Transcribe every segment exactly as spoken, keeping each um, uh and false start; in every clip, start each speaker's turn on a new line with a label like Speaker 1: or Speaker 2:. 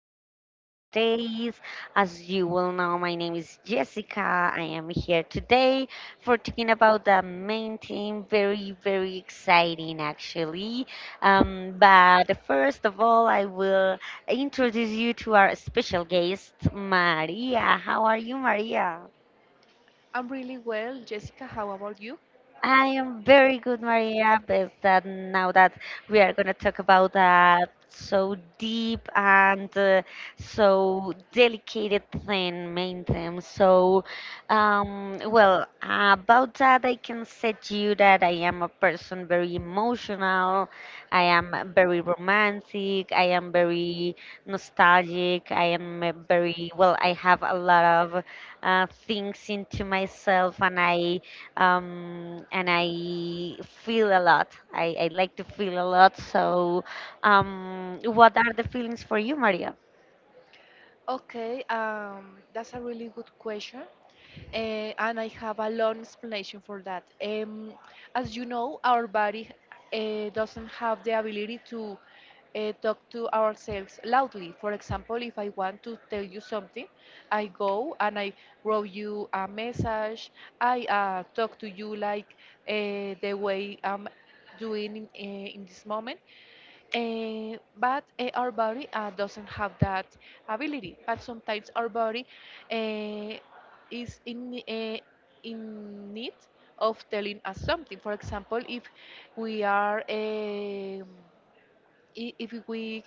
Speaker 1: again nowadays. As you will know, my name is Jessica. I am here today for talking about the main theme. Very, very exciting actually. Um, but first of all, I will introduce you to our special guest, Maria. How are you, Maria?
Speaker 2: I'm really well, Jessica. How about you?
Speaker 1: I am very good, Maria. But that, now that we are going to talk about that so deep and uh, so delicate thing, main theme. So, um, well, about that, I can say to you that I am a person very emotional. I am very romantic. I am very nostalgic. I am a very well. I have a lot of uh, things into myself, and I um, and I feel a lot. I, I like to feel a lot. So, um, what are the feelings for you, Maria?
Speaker 2: Okay, um, that's a really good question, uh, and I have a long explanation for that. Um, as you know, our body uh, doesn't have the ability to uh, talk to ourselves loudly. For example, if I want to tell you something, I go and I wrote you a message. I uh, talk to you like uh, the way I'm doing in, uh, in this moment. Eh, but eh, our body uh, doesn't have that ability. But sometimes our body eh, is in eh, in need of telling us something. For example, if we are. Em, I- if we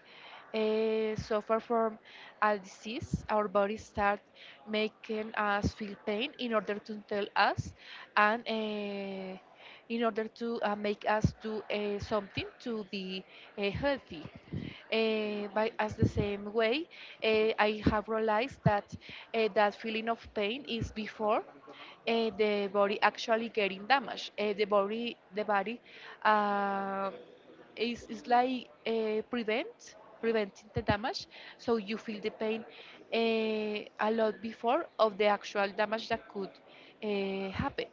Speaker 2: uh, suffer from a disease, our body start making us feel pain in order to tell us and uh, in order to uh, make us do uh, something to be uh, healthy. Uh, by as the same way, uh, I have realized that uh, that feeling of pain is before uh, the body actually getting damaged. Uh, the body, the body, uh, it's, it's like uh, prevent, preventing the damage. So you feel the pain uh, a lot before of the actual damage that could uh, happen.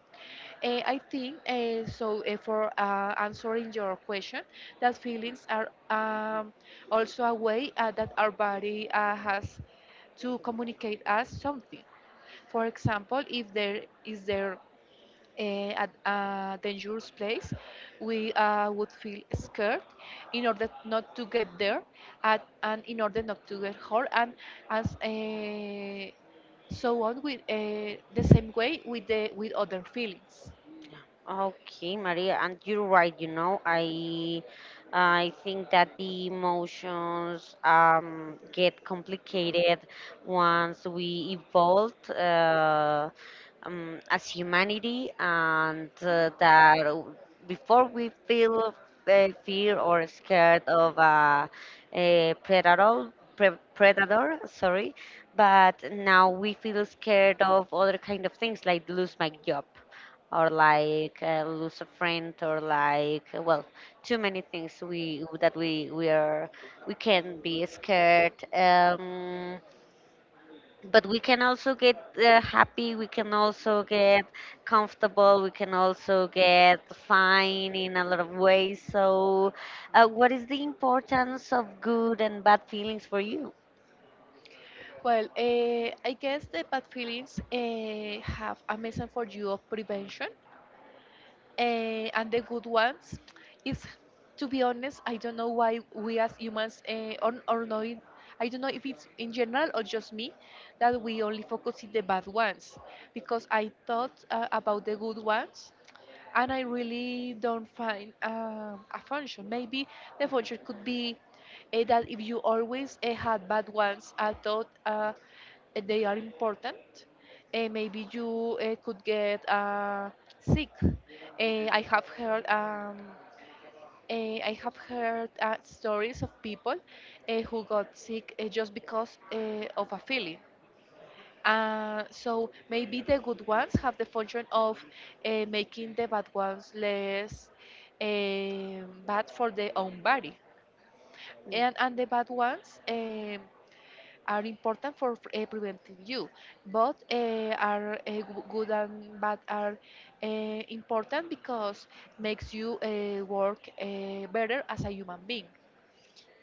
Speaker 2: Uh, I think uh, so. Uh, for uh, Answering your question, that feelings are um, also a way uh, that our body uh, has to communicate us something. For example, if there is there eh, at a dangerous place, we uh, would feel scared in order not to get there at, and in order not to get hurt. And as eh, so on with uh, the same way with the with other feelings.
Speaker 1: Okay, Maria, and you're right. You know, I I think that the emotions um, get complicated once we evolve uh, um, as humanity, and uh, that before we feel uh, fear or scared of uh, a predator, pre- predator, sorry, but now we feel scared of other kind of things like lose my job or like uh, lose a friend, or like uh, well, too many things we that we we are we can be scared, um but we can also get uh, happy, we can also get comfortable, we can also get fine in a lot of ways. So, uh, what is the importance of good and bad feelings for you?
Speaker 2: Well, uh, I guess the bad feelings uh, have a message for you of prevention eh, and the good ones is, to be honest, I don't know why we as humans uh, or, or no it- I don't know if it's in general or just me that we only focus in the bad ones because I thought uh, about the good ones, and I really don't find um, a function. Maybe the function could be uh, that if you always uh, had bad ones. I thought uh, eh, they are important. Uh, maybe you uh, could get uh, sick. Uh, I have heard. Um, uh, I have heard uh, stories of people uh, who got sick uh, just because uh, of a feeling. Uh, so maybe the good ones have the function of uh, making the bad ones less um, bad for their own body,
Speaker 1: Mm.
Speaker 2: and and the bad ones um, are important for uh, preventing you. Both uh, are uh, g- good and bad are uh, important because makes you uh, work uh, better as a human being.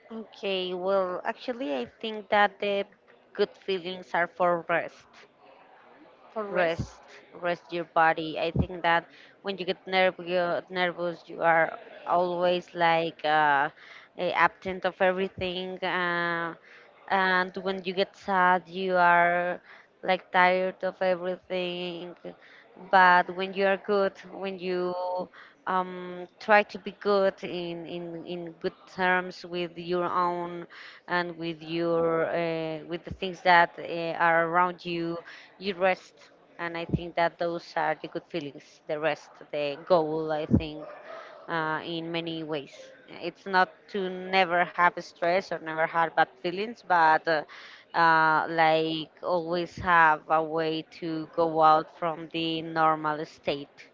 Speaker 1: Okay, well, actually I think that the good feelings are for rest.
Speaker 2: For rest.
Speaker 1: Rest rest your body. I think that when you get nervous nervous, you are always like uh, eh, absent of everything, uh, and when you get sad you are like tired of everything. But when you are good, when you um, try to be good in, in, in good terms with your own, and with your uh, with the things that uh, are around you you rest. And I think that those are the good feelings, the rest, the goal, I think, uh, in many ways. It's not to never have stress or never have bad feelings, but uh, uh, like, always have a way to go out from the normal state.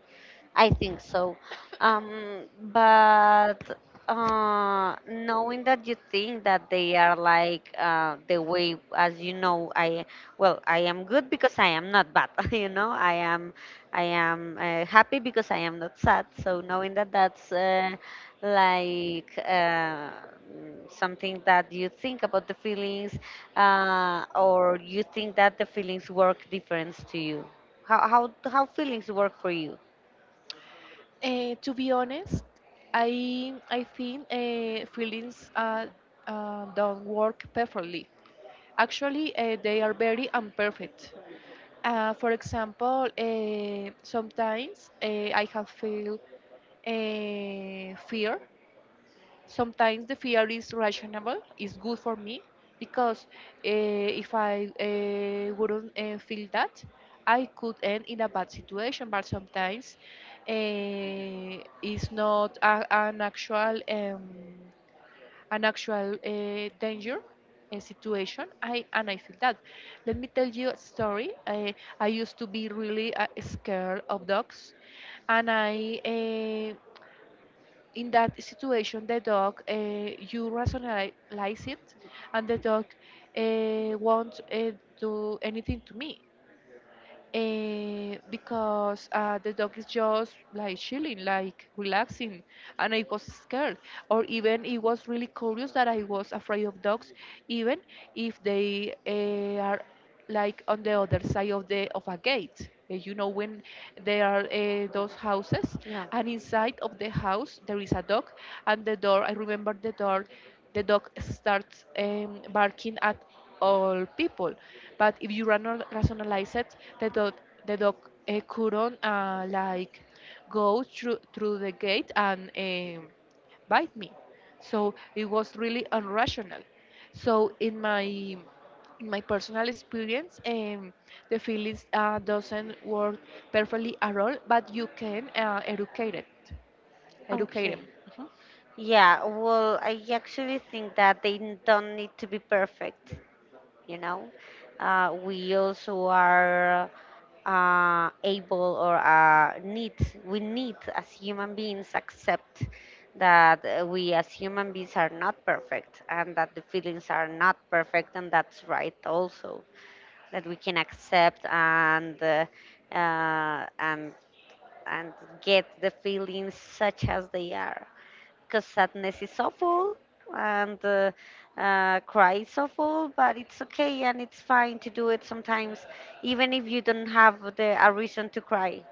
Speaker 1: I think so. Um, but uh, knowing that you think that they are like uh, the way, as you know, I, well, I am good because I am not bad. You know, I am, I am uh, happy because I am not sad. So knowing that, that's uh, like uh, mm, something that you think about the feelings, uh, or you think that the feelings work difference to you. How how how feelings work for you?
Speaker 2: Uh, to be honest, I I think uh, feelings uh, uh, don't work perfectly. Actually, uh, they are very imperfect. Uh, for example, uh, sometimes uh, I have feel uh, fear. Sometimes the fear is rational, it's good for me because uh, if I uh, wouldn't uh, feel that, I could end in a bad situation. But sometimes uh, it's not a, an actual um, an actual uh, danger uh, situation, I and I feel that. Let me tell you a story. i, I used to be really uh, scared of dogs. And I uh, in that situation, the dog, uh, you rationalize it, and the dog uh, won't uh, do anything to me eh, because uh, the dog is just like chilling, like relaxing, and I was scared. Or even it was really curious that I was afraid of dogs, even if they uh, are like on the other side of the of a gate. Uh, You know, when there are uh, those houses, and inside of the house there is a dog, and the door. I remember the door. The dog starts um, barking at all people. But if you rano- rationalize it, the dog, the dog uh, couldn't uh, like go through through the gate and um bite me. So it was really irrational. So in my in my personal experience, um, the feelings uh, doesn't work perfectly at all, but you can uh, educate it, educate
Speaker 1: Okay.
Speaker 2: them.
Speaker 1: Yeah, well, I actually think that they n- don't need to be perfect, you know? Uh, we also are uh, able, or uh, need, we need as human beings accept that uh, we as human beings are not perfect, and that the feelings are not perfect, and that's right also, that we can accept and uh, uh, and and get the feelings such as they are, because sadness is awful, and uh, uh, cry is awful, but it's okay and it's fine to do it sometimes, even if you don't have the, a reason to cry,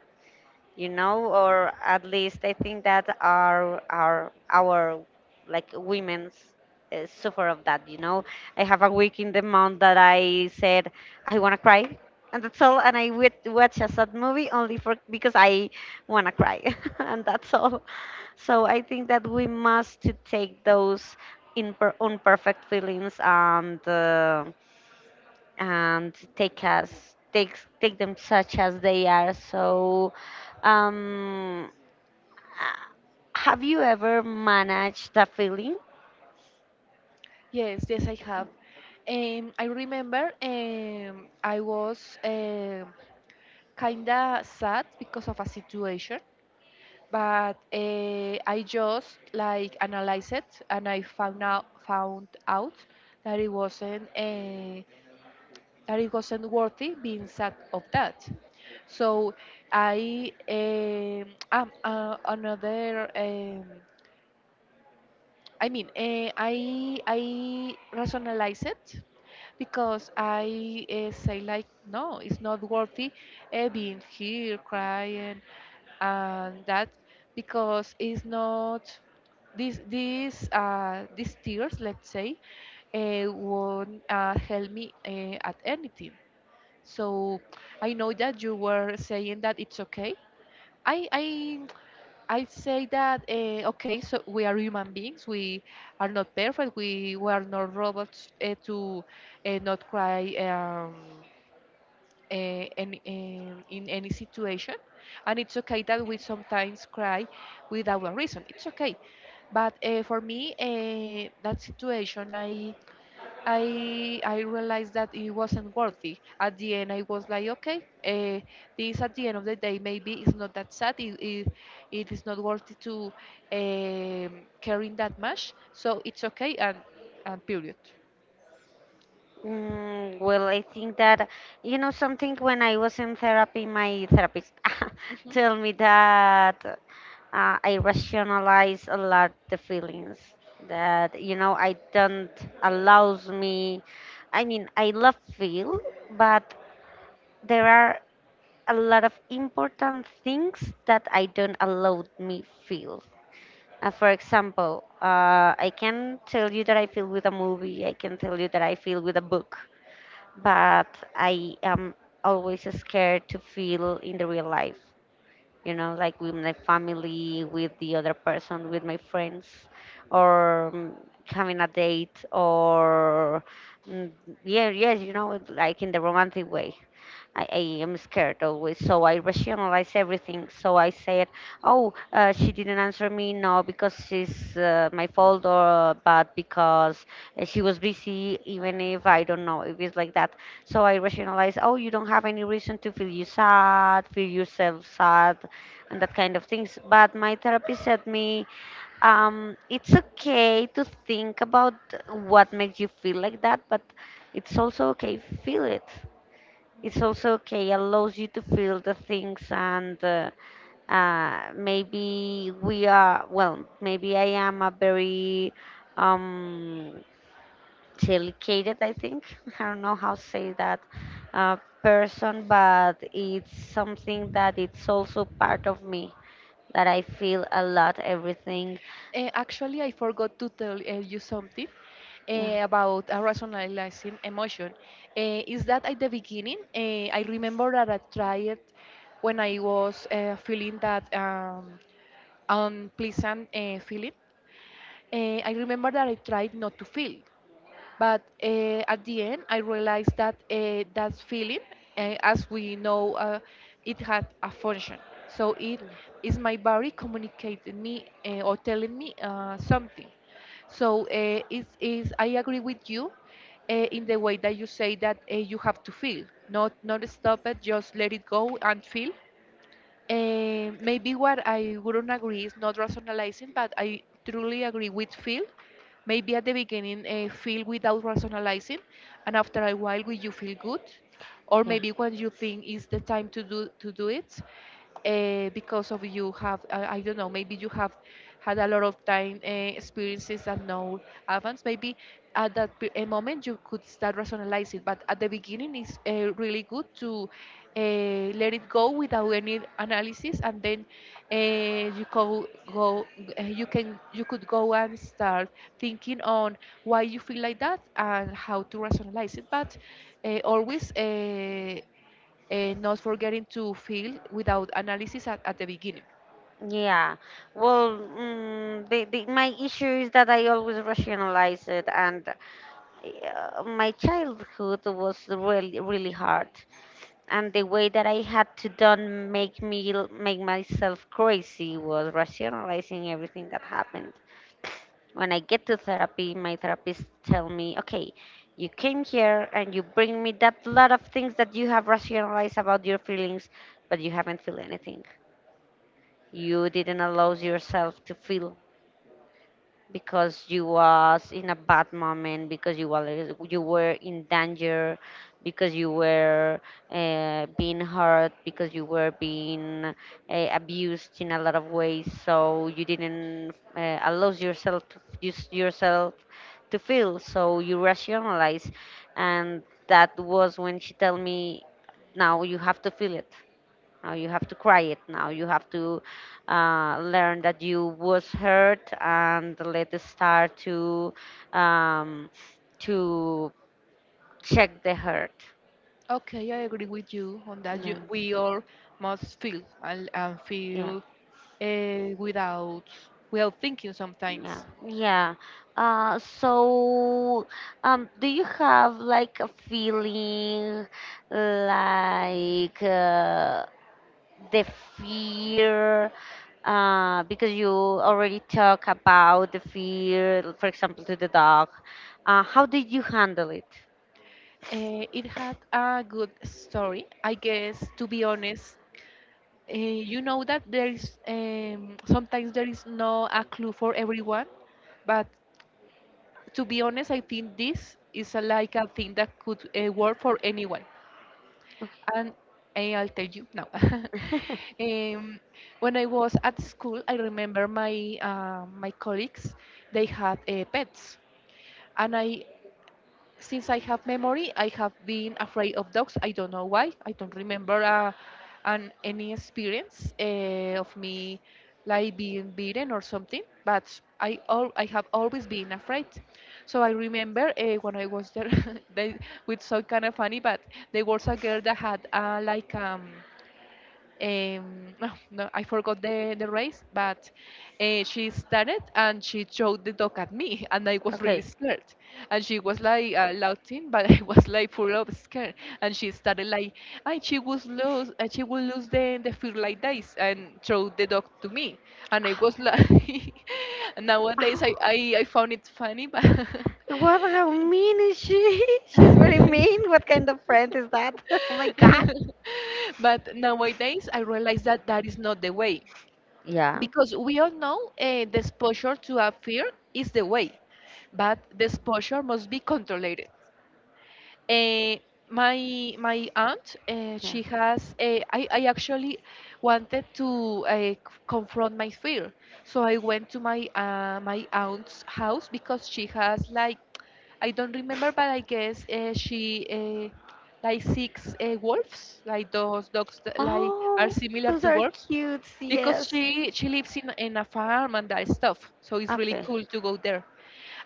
Speaker 1: you know, or at least I think that our our our like women's uh, suffer of that, you know. I have a week in the month that I said I wanna cry, and that's all. And I would watch a sad movie only for because I wanna cry, and that's all. So I think that we must to take those in unperfect feelings, and. Uh, and take us, take take them such as they are, so um uh, have you ever managed that feeling?
Speaker 2: Yes, yes, I have. Um, I remember um, I was um, kinda sad because of a situation, but uh, I just like analyzed it and I found out found out that it wasn't uh, that it wasn't worthy being sad of that. So I um, um, uh, another. Um, I mean, uh, I I rationalize it because I uh, say like, no, it's not worthy uh, being here crying and that because it's not these these uh, these tears, let's say, uh, won't uh, help me uh, at anything. So I know that you were saying that it's okay. I I I say that, uh, okay, so we are human beings. We are not perfect. We, we are not robots uh, to uh, not cry um, uh, in, in, in any situation, and it's okay that we sometimes cry without a reason. It's okay, but uh, for me, uh, that situation, I I I realized that it wasn't worthy. At the end, I was like, okay, uh, this, at the end of the day, maybe it's not that sad. It it, it is not worthy to um, carrying that much, so it's okay and and period.
Speaker 1: Mm, well, I think that, you know, something. When I was in therapy, my therapist
Speaker 2: Mhm.
Speaker 1: told me that uh, I rationalize a lot the feelings. That, you know, I don't allows me. I mean, I love feel, but there are a lot of important things that I don't allow me feel. Uh, for example, uh, I can tell you that I feel with a movie. I can tell you that I feel with a book, but I am always scared to feel in the real life. You know, like with my family, with the other person, with my friends, or mm, having a date, or mm, yeah, yes, you know, like in the romantic way. I, I am scared always, so I rationalize everything. So I said, "Oh, uh, she didn't answer me, no, because she's uh, my fault, or but because uh, she was busy, even if I don't know if it's like that." So I rationalize, "Oh, you don't have any reason to feel you sad, feel yourself sad, and that kind of things." But my therapist said me, um, "It's okay to think about what makes you feel like that, but it's also okay feel it." It's also okay allows you to feel the things, and uh, uh, maybe we are, well, maybe I am a very um, delicate, I think, I don't know how to say that uh, person, but it's something that it's also part of me, that I feel a lot everything.
Speaker 2: Uh, actually, I forgot to tell uh, you something
Speaker 1: Yeah,
Speaker 2: uh, about a rationalizing emotion. Uh, is that at the beginning, uh, I remember that I tried when I was uh, feeling that um, unpleasant uh, feeling. Uh, I remember that I tried not to feel. But uh, at the end, I realized that uh, that feeling, uh, as we know, uh, it had a function. So it is my body communicating me uh, or telling me uh, something. So uh, it's, it's, I agree with you uh, in the way that you say that uh, you have to feel, not not stop it, just let it go and feel. Eh, maybe what I wouldn't agree is not rationalizing, but I truly agree with Phil. Maybe at the beginning, uh, feel without rationalizing, and after a while, will you feel good, or
Speaker 1: yeah.
Speaker 2: maybe when you think is the time to do to do it, uh, because of you have uh, I don't know, maybe you have had a lot of time uh, experiences and no advance. Maybe at that pe- eh, moment you could start rationalizing, but at the beginning, it's uh, really good to uh, let it go without any analysis and then uh, you go, go uh, you can you could go and start thinking on why you feel like that and how to rationalize it, but uh, always uh, uh, not forgetting to feel without analysis at, at the beginning.
Speaker 1: Yeah, well, mm, the, the, my issue is that I always rationalize it, and uh, my childhood was really, really hard, and the way that I had to done make me l- make myself crazy was rationalizing everything that happened. When I get to therapy, my therapist tell me, okay, you came here and you bring me that lot of things that you have rationalized about your feelings, but you haven't feel anything. You didn't allow yourself to feel, because you was in a bad moment, because you were you were in danger, because you were uh, being hurt, because you were being uh, abused in a lot of ways, so you didn't uh, allow yourself to use yourself to feel, so you rationalize. And that was when she told me, now you have to feel it, now you have to cry it. Now you have to uh, learn that you was hurt, and let it start to um, to check the hurt.
Speaker 2: Okay, I agree with you on that. You,
Speaker 1: Yeah,
Speaker 2: we all must feel, and, and
Speaker 1: yeah,
Speaker 2: feel uh, without without thinking
Speaker 1: yeah,
Speaker 2: sometimes.
Speaker 1: yeah. Uh, so, um, do you have like a feeling like? Uh, the fear, uh, because you already talk about the fear, for example, to the dog. Uh, how did you handle it?
Speaker 2: Uh, it had a good story, I guess. To be honest, uh, you know that there is, um, sometimes there is no a clue for everyone, but to be honest, I think this is a, like a thing that could uh, work for anyone. And eh, I'll tell you now.
Speaker 1: Okay.
Speaker 2: um, when I was at school, I remember my uh, my colleagues they had uh, pets, and I, since I have memory, I have been afraid of dogs. I don't know why. I don't remember uh, an any experience uh, of me like being beaten or something. But I al- I have always been afraid. So I remember uh, when I was there, they with so kind of funny, but there was a girl that had uh, like um um, no, no, I forgot the, the race, but uh, she started and she showed the dog at me, and I was really
Speaker 1: Okay.
Speaker 2: scared. And she was like uh, laughing, but I was like full of scare. And she started like, and she was lose, and she will lose the the fear like this, and showed the dog to me, and I was like, and nowadays I,
Speaker 1: Ow.
Speaker 2: I I found it funny, but.
Speaker 1: What? How mean is she? She's very mean. What kind of friend is that? Oh my god.
Speaker 2: But nowadays I realize that that is not the way
Speaker 1: Yeah.
Speaker 2: because we all know uh, the exposure to a fear is the way, but the exposure must be controlled. Eh, my my aunt, eh,
Speaker 1: Yeah.
Speaker 2: she has. eh, I I actually wanted to uh, confront my fear, so I went to my uh, my aunt's house because she has like, I don't remember, but I guess uh, she uh, like six uh, wolves, like those dogs that like are
Speaker 1: Oh,
Speaker 2: similar
Speaker 1: those
Speaker 2: to
Speaker 1: are
Speaker 2: wolves,
Speaker 1: cute.
Speaker 2: because
Speaker 1: Yes.
Speaker 2: she she lives in in a farm and that stuff. So it's really
Speaker 1: Okay.
Speaker 2: cool to go there,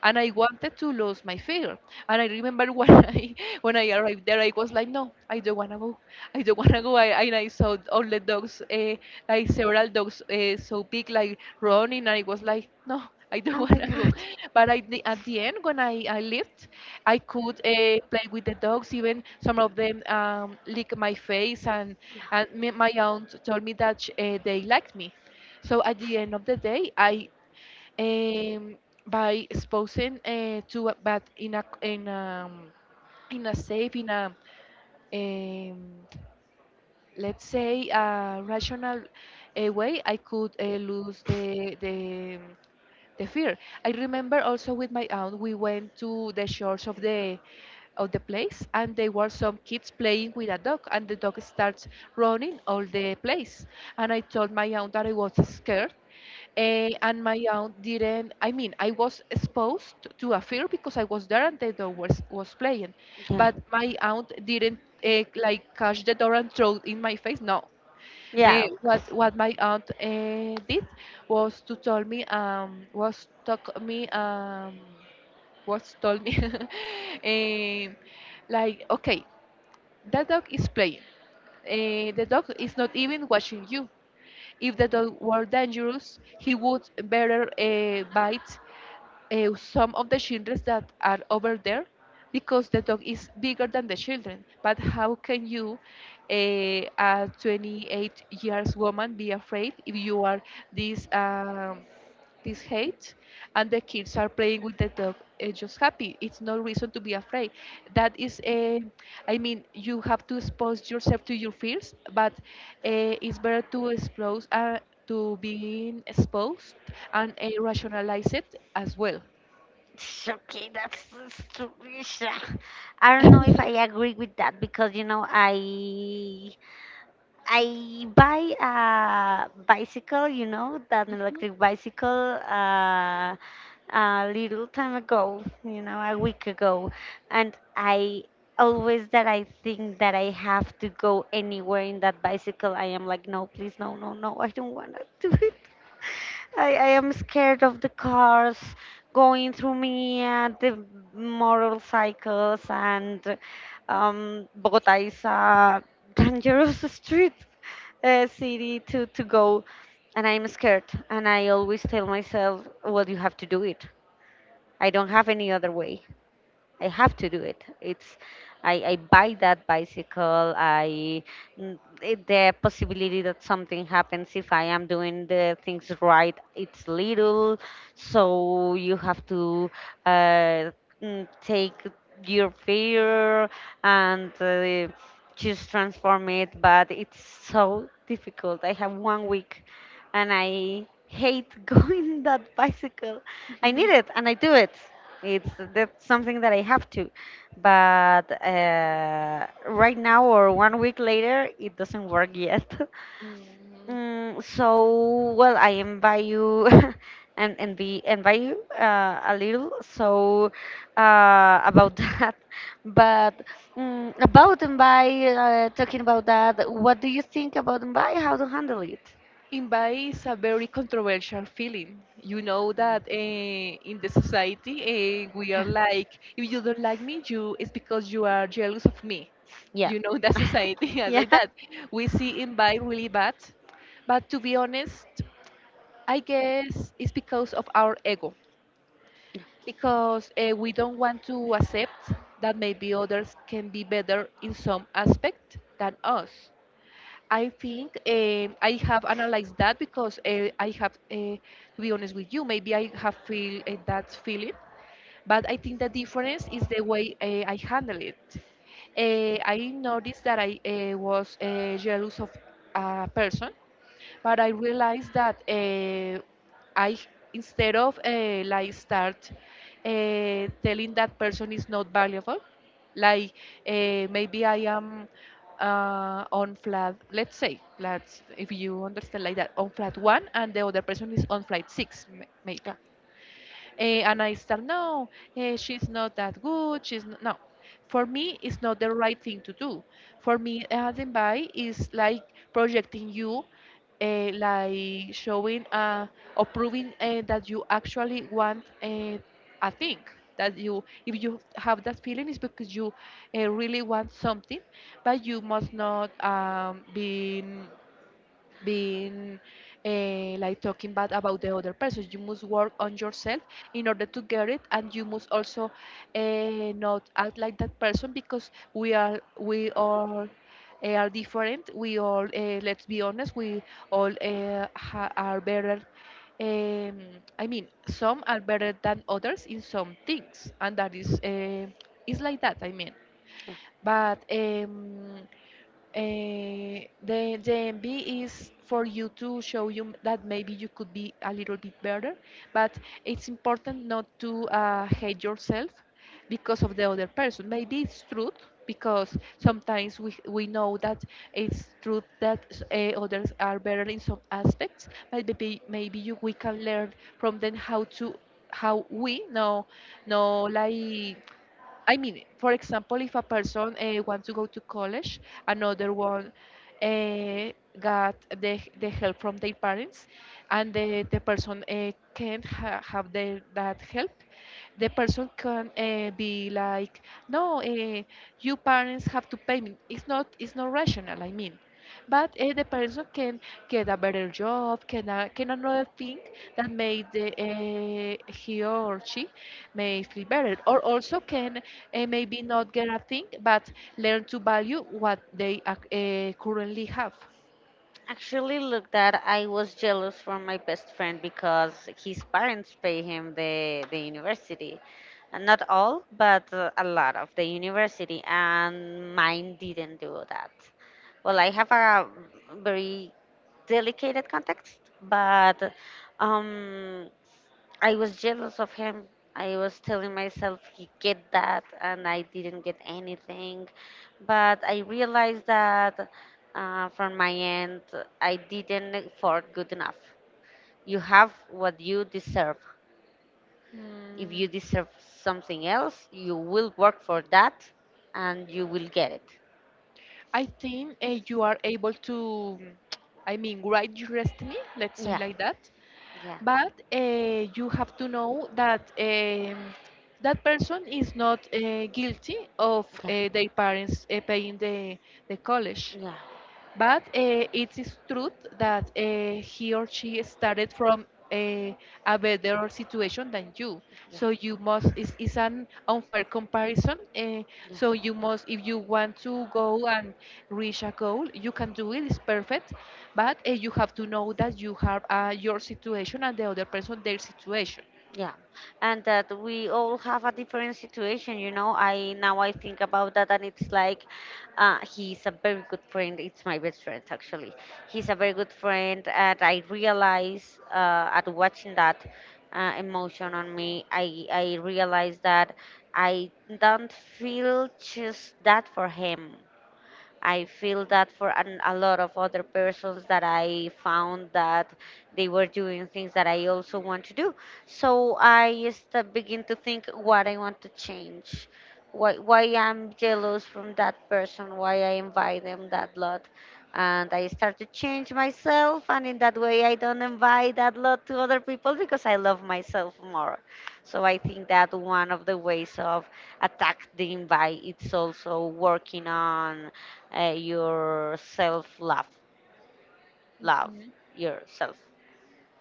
Speaker 2: and I wanted to lose my fear. And I remember when I, when I arrived there, I was like, no, I don't wanna go. I don't wanna go. I, and I saw all the dogs, uh, like several dogs, uh, so big, like running, and I was like, no. I don't
Speaker 1: Oh
Speaker 2: want
Speaker 1: my
Speaker 2: to go,
Speaker 1: god.
Speaker 2: but I di- at the end when I, I left, I could uh, play with the dogs. Even some of them um, lick my face, and and me, my aunt told me that sh- uh, they liked me. So at the end of the day, I um, by exposing uh, to a, but in a in um in a safe in a um, let's say a rational uh, way I could uh, lose the the the fear. I remember also with my aunt we went to the shores of the of the place, and there were some kids playing with a dog, and the dog starts running all the place, and I told my aunt that I was scared. Eh, and my aunt didn't. I mean, I was exposed to a fear because I was there and the dog was, was playing,
Speaker 1: Yeah.
Speaker 2: but my aunt didn't uh, like catch the door and throw it in my face. No,
Speaker 1: Yeah,
Speaker 2: me,
Speaker 1: of course.
Speaker 2: what what my aunt uh, did was to tell me um was talk me um was told me um like, okay, that dog is playing. Uh, the dog is not even watching you. If the dog were dangerous, he would better uh, bite uh, some of the children that are over there, because the dog is bigger than the children. But how can you, uh, a twenty-eight years woman, be afraid if you are this? Um, this hate and the kids are playing with the dog, uh, just happy, it's no reason to be afraid. That is a, I mean, you have to expose yourself to your fears, but uh, it's better to expose uh, to being exposed and uh, rationalize it as well.
Speaker 1: It's okay, that's that's true, stupid. I don't know if I agree with that, because you know, I I buy a bicycle, you know, that an
Speaker 2: Mhm.
Speaker 1: electric bicycle, uh, a little time ago, you know, a week ago. And I always that I think that I have to go anywhere in that bicycle, I am like, no, please, no, no, no, I don't want to do it. I, I am scared of the cars going through me, and the motorcycles, and um, Bogota is a dangerous street uh, city to to go, and I'm scared, and I always tell myself, well, you have to do it, I don't have any other way. I have to do it. It's, I, I buy that bicycle. I n- it- the possibility that something happens if I am doing the things right, it's little, so you have to uh, mm, take your fear and uh, just transform it. But it's so difficult. I have one week, and I hate going that bicycle. I need it, and I do it. It's, that's something that I have to. But uh, right now, or one week later, it doesn't work yet.
Speaker 2: Mm,
Speaker 1: Mm, so well, I invite you, and and be invite you uh, a little. So uh, about that, but mm, about invite, uh, talking about that, what do you think about invite? How to handle it?
Speaker 2: envy is a very controversial feeling. You know that, eh, in the society, eh, we are like, if you don't like me, you, it's because you are jealous of me.
Speaker 1: Yeah,
Speaker 2: You know that society is like
Speaker 1: yeah,
Speaker 2: that. We see envy really bad, but to be honest, I guess it's because of our ego, because eh, we don't want to accept that maybe others can be better in some aspect than us. I think, eh, I have analyzed that because eh, I have, eh, to be honest with you, maybe I have feel eh, that feeling, but I think the difference is the way uh, I handle it. Uh, I noticed that I uh, was uh, jealous of a person, but I realized that, uh, I, instead of uh, like start uh, telling that person is not valuable, like, uh, maybe I am uh, on flat, let's say, let's, if you understand like that, on flat one and the other person is on flat six, m- maybe.
Speaker 1: yeah.
Speaker 2: Eh, and I start, no, eh, she's not that good. She's n no. For me, it's not the right thing to do. For me, Adenbai is like projecting you, uh, like showing uh, or proving uh, that you actually want uh, a thing. That you, if you have that feeling, is because you uh, really want something, but you must not um, be being eh, like talking bad about the other person. You must work on yourself in order to get it, and you must also eh, not act like that person, because we are we all eh, are different. We all, eh, let's be honest, we all eh, ha- are better. Um, I mean, some are better than others in some things, and that is eh, is like that. I mean, but. Um, uh, the, the M B is for you to show you m- that maybe you could be a little bit better, but it's important not to uh, hate yourself because of the other person. Maybe it's truth, because sometimes we, we know that it's truth that uh, others are better in some aspects. Maybe maybe you, we can learn from them how to how we no no like I mean, for example, if a person uh, wants to go to college, another one uh, got the, the help from their parents, and the, the person uh, can't ha- have the, that help, the person can uh, be like, no, uh, you parents have to pay me. It's not, it's not rational, I mean. But uh, the person can get a better job, can, uh, can another thing that made the, uh, he or she may feel better, or also can uh, maybe not get a thing, but learn to value what they ac uh, currently have.
Speaker 1: Actually, look that I was jealous for my best friend because his parents pay him the the university. And not all, but uh, a lot of the university, and mine didn't do that. Well, I have a very delicate context, but um, I was jealous of him. I was telling myself he get that, and I didn't get anything. But I realized that, uh, from my end, I didn't effort good enough. You have what you deserve. If
Speaker 2: Hmm.
Speaker 1: you deserve something else, you will work for that, and you will get it.
Speaker 2: I think uh, you are able to, I mean, write your destiny, let's say
Speaker 1: Yeah,
Speaker 2: like that,
Speaker 1: yeah.
Speaker 2: but uh, you have to know that um, that person is not uh, guilty of uh, their parents uh, paying the, the college.
Speaker 1: Yeah.
Speaker 2: But uh, it is true that uh, he or she started from a, a better situation than you.
Speaker 1: Yeah.
Speaker 2: So you must, it's, it's an unfair comparison. Uh,
Speaker 1: Yeah.
Speaker 2: so you must, if you want to go and reach a goal, you can do it, it's perfect. But uh, you have to know that you have uh, your situation and the other person their situation.
Speaker 1: Yeah. Yeah, and that we all have a different situation, you know. I Now I think about that, and it's like, uh, he's a very good friend. It's my best friend actually. He's a very good friend, and I realize uh, at watching that uh, emotion on me, I I realize that I don't feel just that for him. I feel that for an, a lot of other persons that I found that they were doing things that I also want to do. So I start begin to think what I want to change, why, why I'm jealous from that person, why I invite them that lot. And I start to change myself, and in that way, I don't invite that lot to other people because I love myself more. So I think that one of the ways of attack the invite it's also working on uh, your self love, love
Speaker 2: Mhm.
Speaker 1: yourself.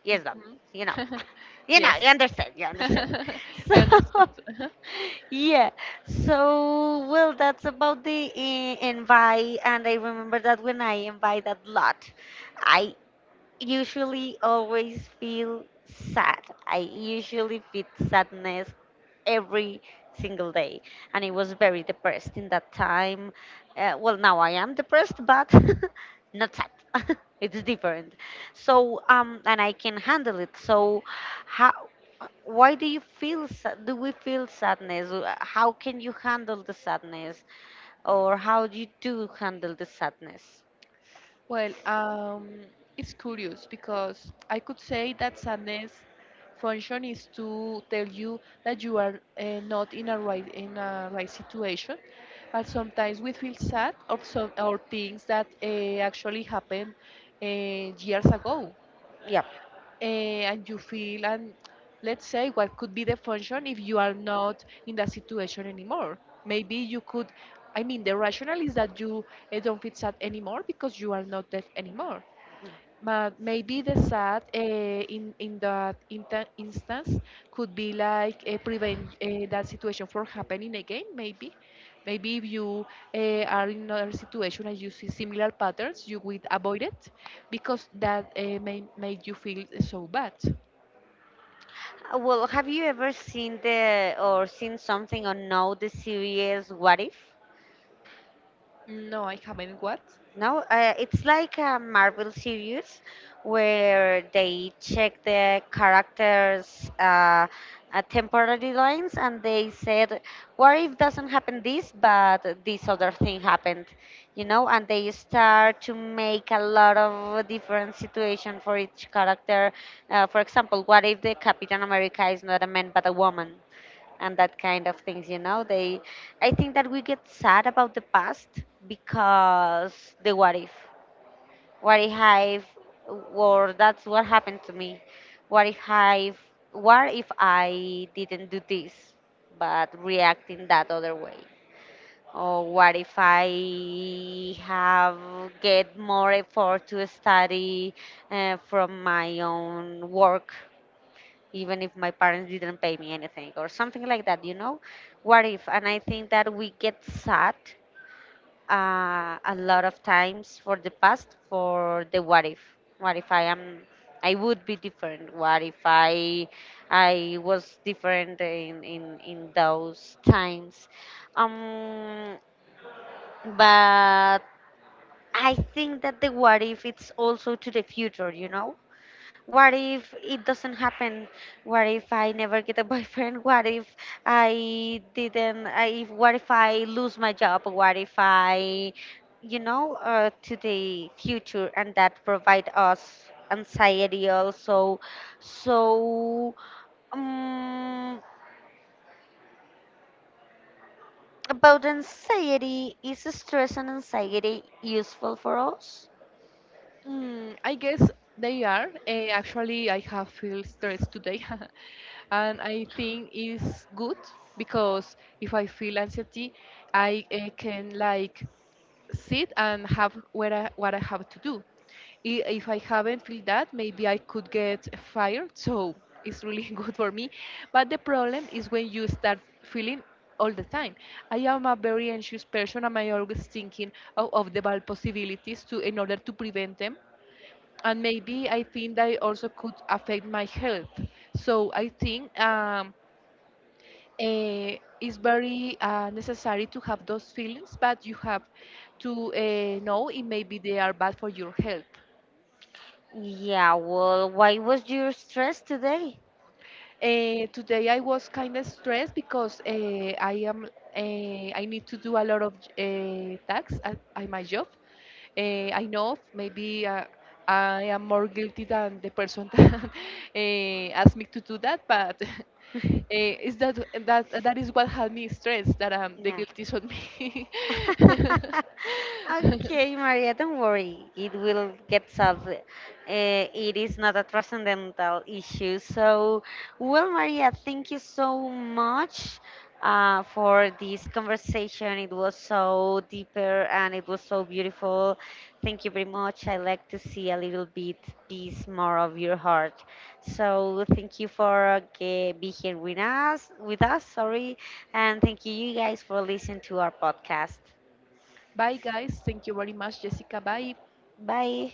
Speaker 1: Yes, love. You know, you know,
Speaker 2: Yes.
Speaker 1: you understand, you understand.
Speaker 2: I understood.
Speaker 1: So, yeah. So, well, that's about the uh, invite, and I remember that when I invite a lot, I usually always feel sad. I usually feel sadness every single day, and I was very depressed in that time. Uh, well, now I am depressed, but not sad. It's different. So, um, and I can handle it. So, how? Why do you feel? Sa- Do we feel sadness? Uh, How can you handle the sadness, or how do you do handle the sadness?
Speaker 2: Well, um, it's curious because I could say that sadness function is to tell you that you are uh, not in a right in a right situation, but sometimes we feel sad of some or things that uh, actually happened uh, years ago,
Speaker 1: Yeah.
Speaker 2: uh, and you feel and let's say what could be the function if you are not in that situation anymore. Maybe you could. I mean, the rationale is that you uh, don't feel sad anymore because you are not deaf anymore. But maybe the sad uh, in in that inta- instance could be like uh, prevent uh, that situation from happening again. Maybe, maybe if you uh, are in another situation and you see similar patterns, you would avoid it because that uh, may made you feel so bad.
Speaker 1: Uh, Well, have you ever seen the or seen something or know the series What If?
Speaker 2: No, I haven't. What?
Speaker 1: No, uh, it's like a Marvel series where they check the characters' uh, uh, temporary lines and they said, "What if doesn't happen this, but this other thing happened?" You know, and they start to make a lot of different situation for each character. Uh, for example, what if the Captain America is not a man but a woman? And that kind of things, you know, they, I think that we get sad about the past because the what if, what if i've or that's what happened to me, what if I, what if I didn't do this but react in that other way, or what if I have get more effort to study uh, from my own work, even if my parents didn't pay me anything or something like that, you know? What if? And I think that we get sad uh, a lot of times for the past for the what if. What if I am, I would be different? What if I, I was different in, in, in those times? Um, but I think that the what if it's also to the future, you know? What if it doesn't happen? What if I never get a boyfriend? What if I didn't? I, if, what if I lose my job? What if I, you know, uh, to the future and that provide us anxiety also. So, um, about anxiety, is stress and anxiety useful for us?
Speaker 2: Mm, I guess they are. Uh, actually, I have feel stressed today, and I think it's good, because if I feel anxiety, I uh, can like sit and have what I, what I have to do. I- If I haven't feel that, maybe I could get fired. So it's really good for me. But the problem is when you start feeling all the time. I am a very anxious person, and I always thinking of, of the bad possibilities to in order to prevent them, and maybe I think that it also could affect my health. So I think um, eh, it's very uh, necessary to have those feelings, but you have to uh, know it maybe they are bad for your health.
Speaker 1: Yeah, well, why was your stress today?
Speaker 2: Uh, today I was kind of stressed because uh, I am uh, I need to do a lot of uh, tasks at, at my job. Uh, I know maybe uh, I am more guilty than the person that uh, asked me to do that, but uh, is that that that is what had me stressed, that um, the
Speaker 1: Yeah.
Speaker 2: guilt is on me.
Speaker 1: Okay, Maria, don't worry. It will get solved. Uh, it is not a transcendental issue. So, well, Maria, thank you so much uh, for this conversation. It was so deeper and it was so beautiful. Thank you very much. I like to see a little bit piece more of your heart. So, thank you for uh, ge- be here with us. With us, sorry. And thank you, you guys, for listening to our podcast.
Speaker 2: Bye guys, thank you very much, Jessica. Bye.
Speaker 1: Bye.